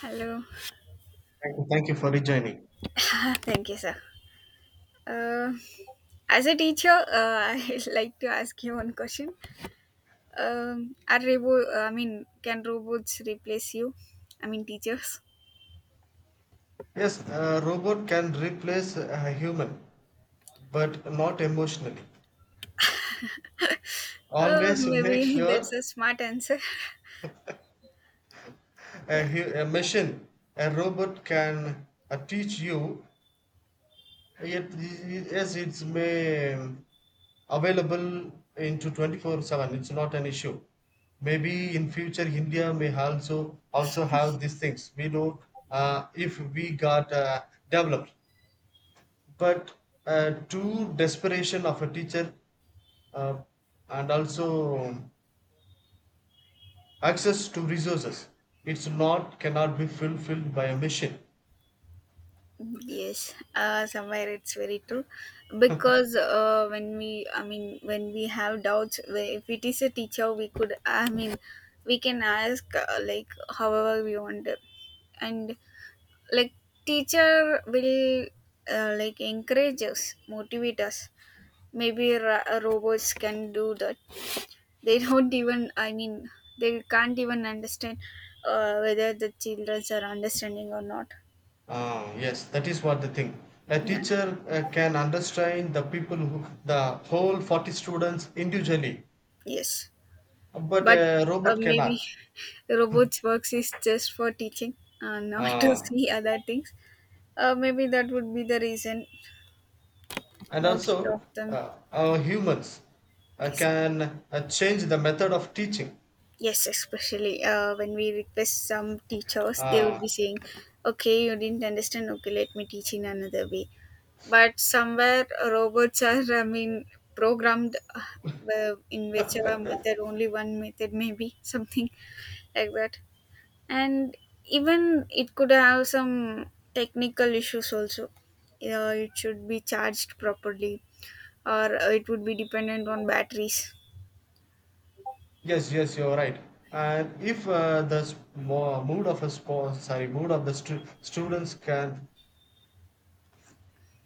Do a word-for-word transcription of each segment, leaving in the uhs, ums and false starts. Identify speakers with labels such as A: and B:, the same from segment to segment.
A: Hello.
B: Thank you, thank you for rejoining.
A: Thank you, sir. Uh, as a teacher, uh, I'd like to ask you one question. Um, are robo- I mean, Can robots replace you? I mean, teachers.
B: Yes, a robot can replace a human, but not emotionally.
A: Oh,
B: Always make
A: maybe that's
B: sure
A: a smart answer.
B: a,
A: Yeah.
B: hu- a machine, a robot can uh, teach you, yet it- yes, it's may um, available into twenty-four seven. It's not an issue. Maybe in future India may also also have these things. We know uh, if we got uh, developed. But uh, to desperation of a teacher, uh, and also access to resources, it's not cannot be fulfilled by a machine.
A: Yes. Uh, somewhere it's very true, because uh, when we, I mean, when we have doubts, we- if it is a teacher, we could, I mean, we can ask uh, like however we want, and like teacher will uh, like encourage us, motivate us. Maybe ro- uh, robots can do that. They don't even, i mean they can't even understand uh, whether the children are understanding or not.
B: Ah, yes, that is what the thing, a
A: Yeah,
B: teacher uh, can understand the people who the whole forty students individually,
A: yes.
B: but
A: But
B: a
A: uh,
B: robot
A: maybe
B: cannot.
A: robots works is just for teaching, uh, not to
B: Ah,
A: see other things. Uh, maybe that would be the reason
B: and
A: most
B: also
A: of them.
B: uh, our humans uh,
A: Yes.
B: can uh, change the method of teaching.
A: Yes, especially uh, when we request some teachers, they would be
B: Ah,
A: saying, "Okay, you didn't understand. Okay, let me teach in another way." But somewhere uh, robots are, I mean, programmed uh, well, in whichever method, only one method, maybe something like that. And even it could have some technical issues also. Uh, it should be charged properly, or uh, it would be dependent on batteries.
B: yes, yes, you're right. And if uh, the s- mo- mood of a spo- sorry, mood of the stu- students can,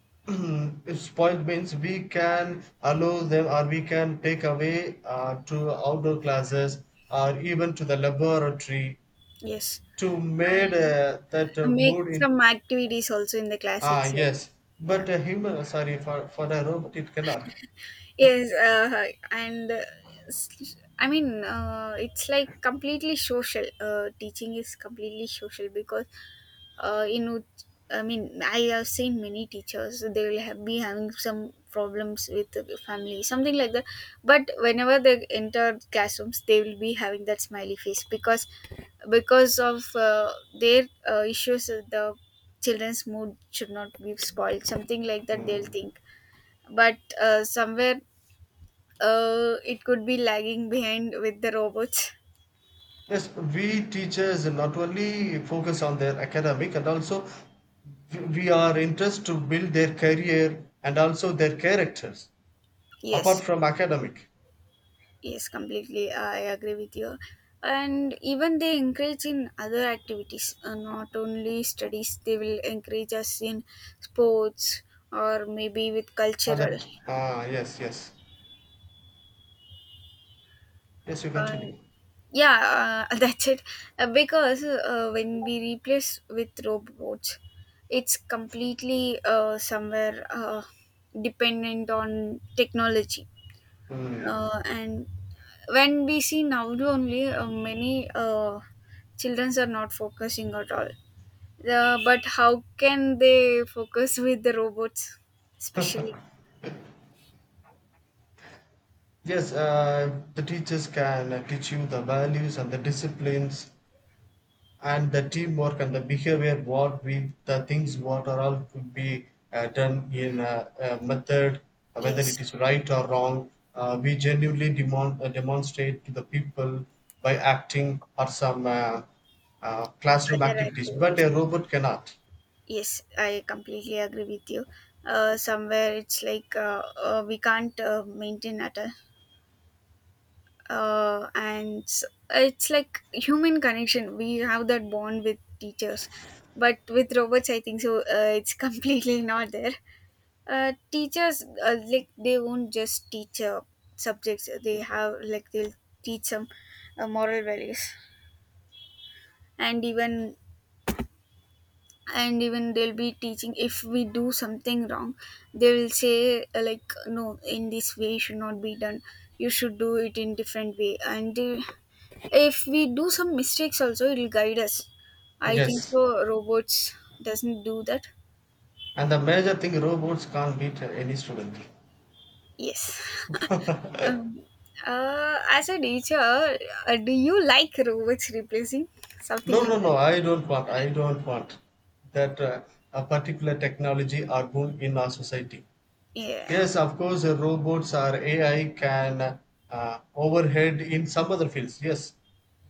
B: if spoiled means, we can allow them or we can take away uh, to outdoor classes or even to the laboratory,
A: Yes,
B: to made
A: I
B: uh, that uh,
A: make
B: mood in.
A: some activities also in the class
B: Ah,
A: itself.
B: yes,
A: Yeah,
B: but a human, sorry, for for the robot, it cannot.
A: yes. uh, and uh, s- I mean uh, It's like completely social. Uh, teaching is completely social, because uh, in which, I mean, I have seen many teachers, they will have, be having some problems with the family, something like that. But whenever they enter classrooms, they will be having that smiley face, because because of uh, their uh, issues, uh, the children's mood should not be spoiled, something like that, they'll
B: Hmm.
A: think. But uh, somewhere uh, it could be lagging behind with the robots.
B: Yes, we teachers not only focus on their academic, and also we are interested to build their career and also their characters, apart
A: Yes.
B: from academic.
A: Yes, completely. I agree with you. And even they encourage in other activities, uh, not only studies, they will encourage us in sports, or maybe with
B: And
A: cultural.
B: that, ah, yes, yes, yes, you
A: Um,
B: continue.
A: yeah, uh, that's it. Uh, because uh, when we replace with robots, it's completely uh, somewhere uh, dependent on technology,
B: Hmm.
A: uh, and when we see now only uh, many uh, children are not focusing at all. The, but how can they focus with the robots, especially?
B: Yes, uh, the teachers can uh, teach you the values and the disciplines and the teamwork and the behavior, what we, the things what are all could be uh, done in a, a method, uh, whether it
A: Yes,
B: is right or wrong, uh, we genuinely demon, uh, demonstrate to the people by acting or some uh, uh, classroom
A: other
B: activities, but
A: activities.
B: a robot cannot.
A: Yes, I completely agree with you. Uh, somewhere it's like uh, uh, we can't uh, maintain at all. uh, and s- it's like human connection. We have that bond with teachers, but with robots, I think so, uh, it's completely not there. Uh, teachers, uh, like, they won't just teach uh, subjects they have. Like, they'll teach some uh, moral values. And even and even they'll be teaching, if we do something wrong, they will say, uh, like, no, in this way should not be done, you should do it in different way. And uh, if we do some mistakes also, it'll guide us, I think
B: Yes,
A: so. Robots doesn't do that.
B: and the major thing, robots can't beat uh, any student.
A: Yes. um, uh, as a teacher, uh, do you like robots replacing, something
B: No, no,
A: like that?
B: no, i don't want i don't want that uh, a particular technology are boom in our society.
A: Yeah.
B: Yes, of course, uh, robots or A I can uh, overhead in some other fields, yes,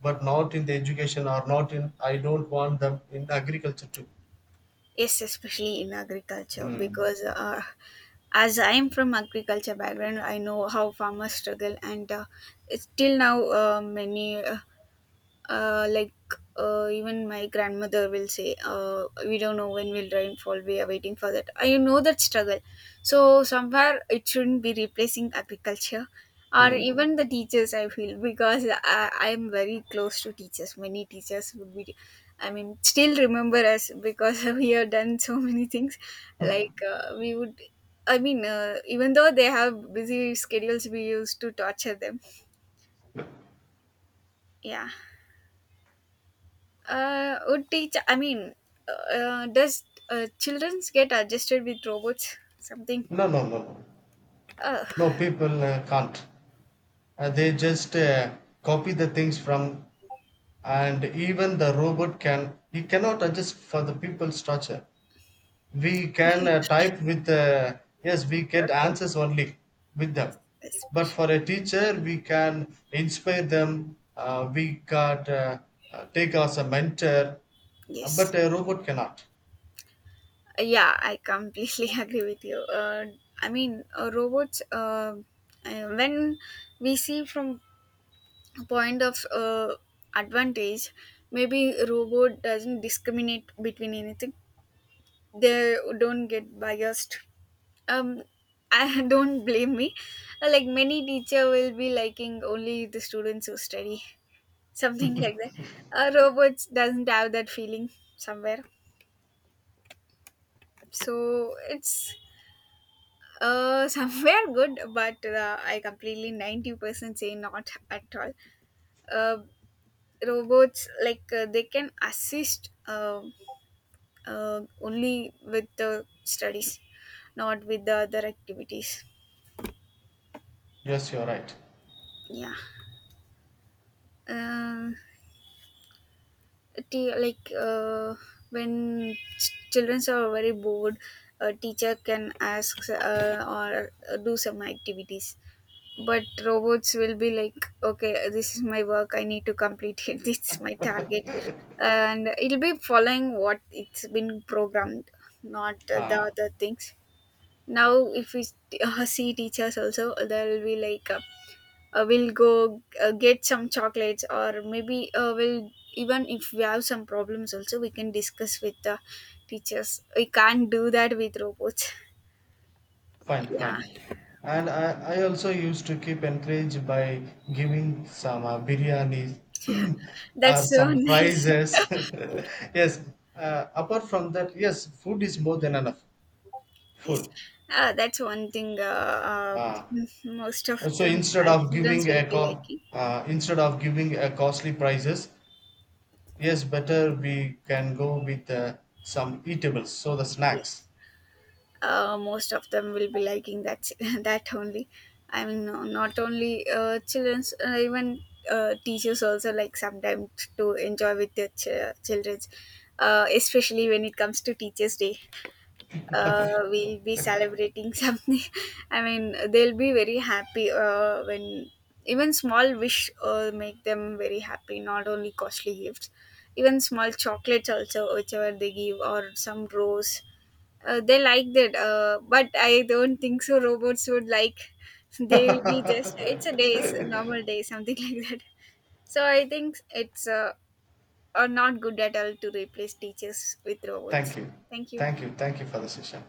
B: but not in the education, or not in, I don't want them in agriculture too.
A: Yes, especially in agriculture,
B: Mm.
A: because uh, as I'm from agriculture background, I know how farmers struggle, and uh, it's till now. Uh, many. Uh, uh, like uh, Even my grandmother will say, uh, we don't know when will rain fall, we are waiting for that. I know that struggle. So somewhere it shouldn't be replacing agriculture, or
B: Mm.
A: even the teachers, I feel, because i i am very close to teachers. Many teachers would be, I mean, still remember us, because we have done so many things. Like, uh, we would, I mean, uh, even though they have busy schedules, we used to torture them. Yeah. Uh, would teach. I mean, uh, uh, does uh, childrens get adjusted with robots? Something.
B: No, no, no, no.
A: Uh,
B: No, people uh, can't. Uh, they just uh, copy the things from, and even the robot can, he cannot adjust for the people's structure. We can uh, type with uh, yes, we get
A: okay.
B: answers only with them. But for a
A: Especially.
B: teacher, we can inspire them, uh, we got uh, uh, take as a mentor. Uh, but
A: Yes.
B: a robot cannot.
A: Yeah, I completely agree with you. Uh, I mean, uh, robots. Uh, uh, when we see from a point of uh, advantage, maybe robot doesn't discriminate between anything. They don't get biased. um I don't blame me. Like, many teacher will be liking only the students who study, something like that. Uh, robots doesn't have that feeling somewhere, so it's uh somewhere good, but uh, I completely ninety percent say not at all. Uh, Robots, like, uh, they can assist uh, uh, only with the studies, not with the other activities.
B: Yes, you're right.
A: Yeah. Uh, T- like uh, when ch- children are very bored, a teacher can ask, uh, or uh, do some activities, but robots will be like, okay, this is my work, I need to complete it, this is my target. And it'll be following what it's been programmed, not uh, the
B: uh,
A: other things. Now if we uh, see, teachers also they'll be like, uh, uh, we'll go, uh, get some chocolates, or maybe uh, we'll, even if we have some problems also, we can discuss with the teachers. We can't do that with robots.
B: Fine,
A: Yeah.
B: fine. And I, I also used to keep encouraged by giving some uh, biryani, or
A: That's so
B: some
A: nice.
B: prizes. Yes. Uh, apart from that, yes, food is more than enough.
A: Yes.
B: Food.
A: Uh, that's one thing. Uh, uh,
B: Ah.
A: most of
B: And so
A: them,
B: instead
A: our
B: of
A: children
B: giving
A: will
B: a
A: be
B: co-
A: liking.
B: uh, instead of giving a costly prices, yes, better we can go with uh, some eatables. So the snacks.
A: Yes, uh, most of them will be liking that that only. I mean, no, not only uh, children's, uh, even uh, teachers also, like, sometimes to enjoy with their ch- children's, uh, especially when it comes to teachers day. Uh, we'll be celebrating something, I mean, they'll be very happy uh, when even small wish uh, make them very happy, not only costly gifts, even small chocolates also, whichever they give, or some rose. Uh, they liked it. Uh, but I don't think so. Robots would like. They will be just. It's a day, it's a normal day, something like that. So I think it's uh, are not good at all to replace teachers with robots.
B: Thank you,
A: Thank you.
B: thank you, thank you for the session.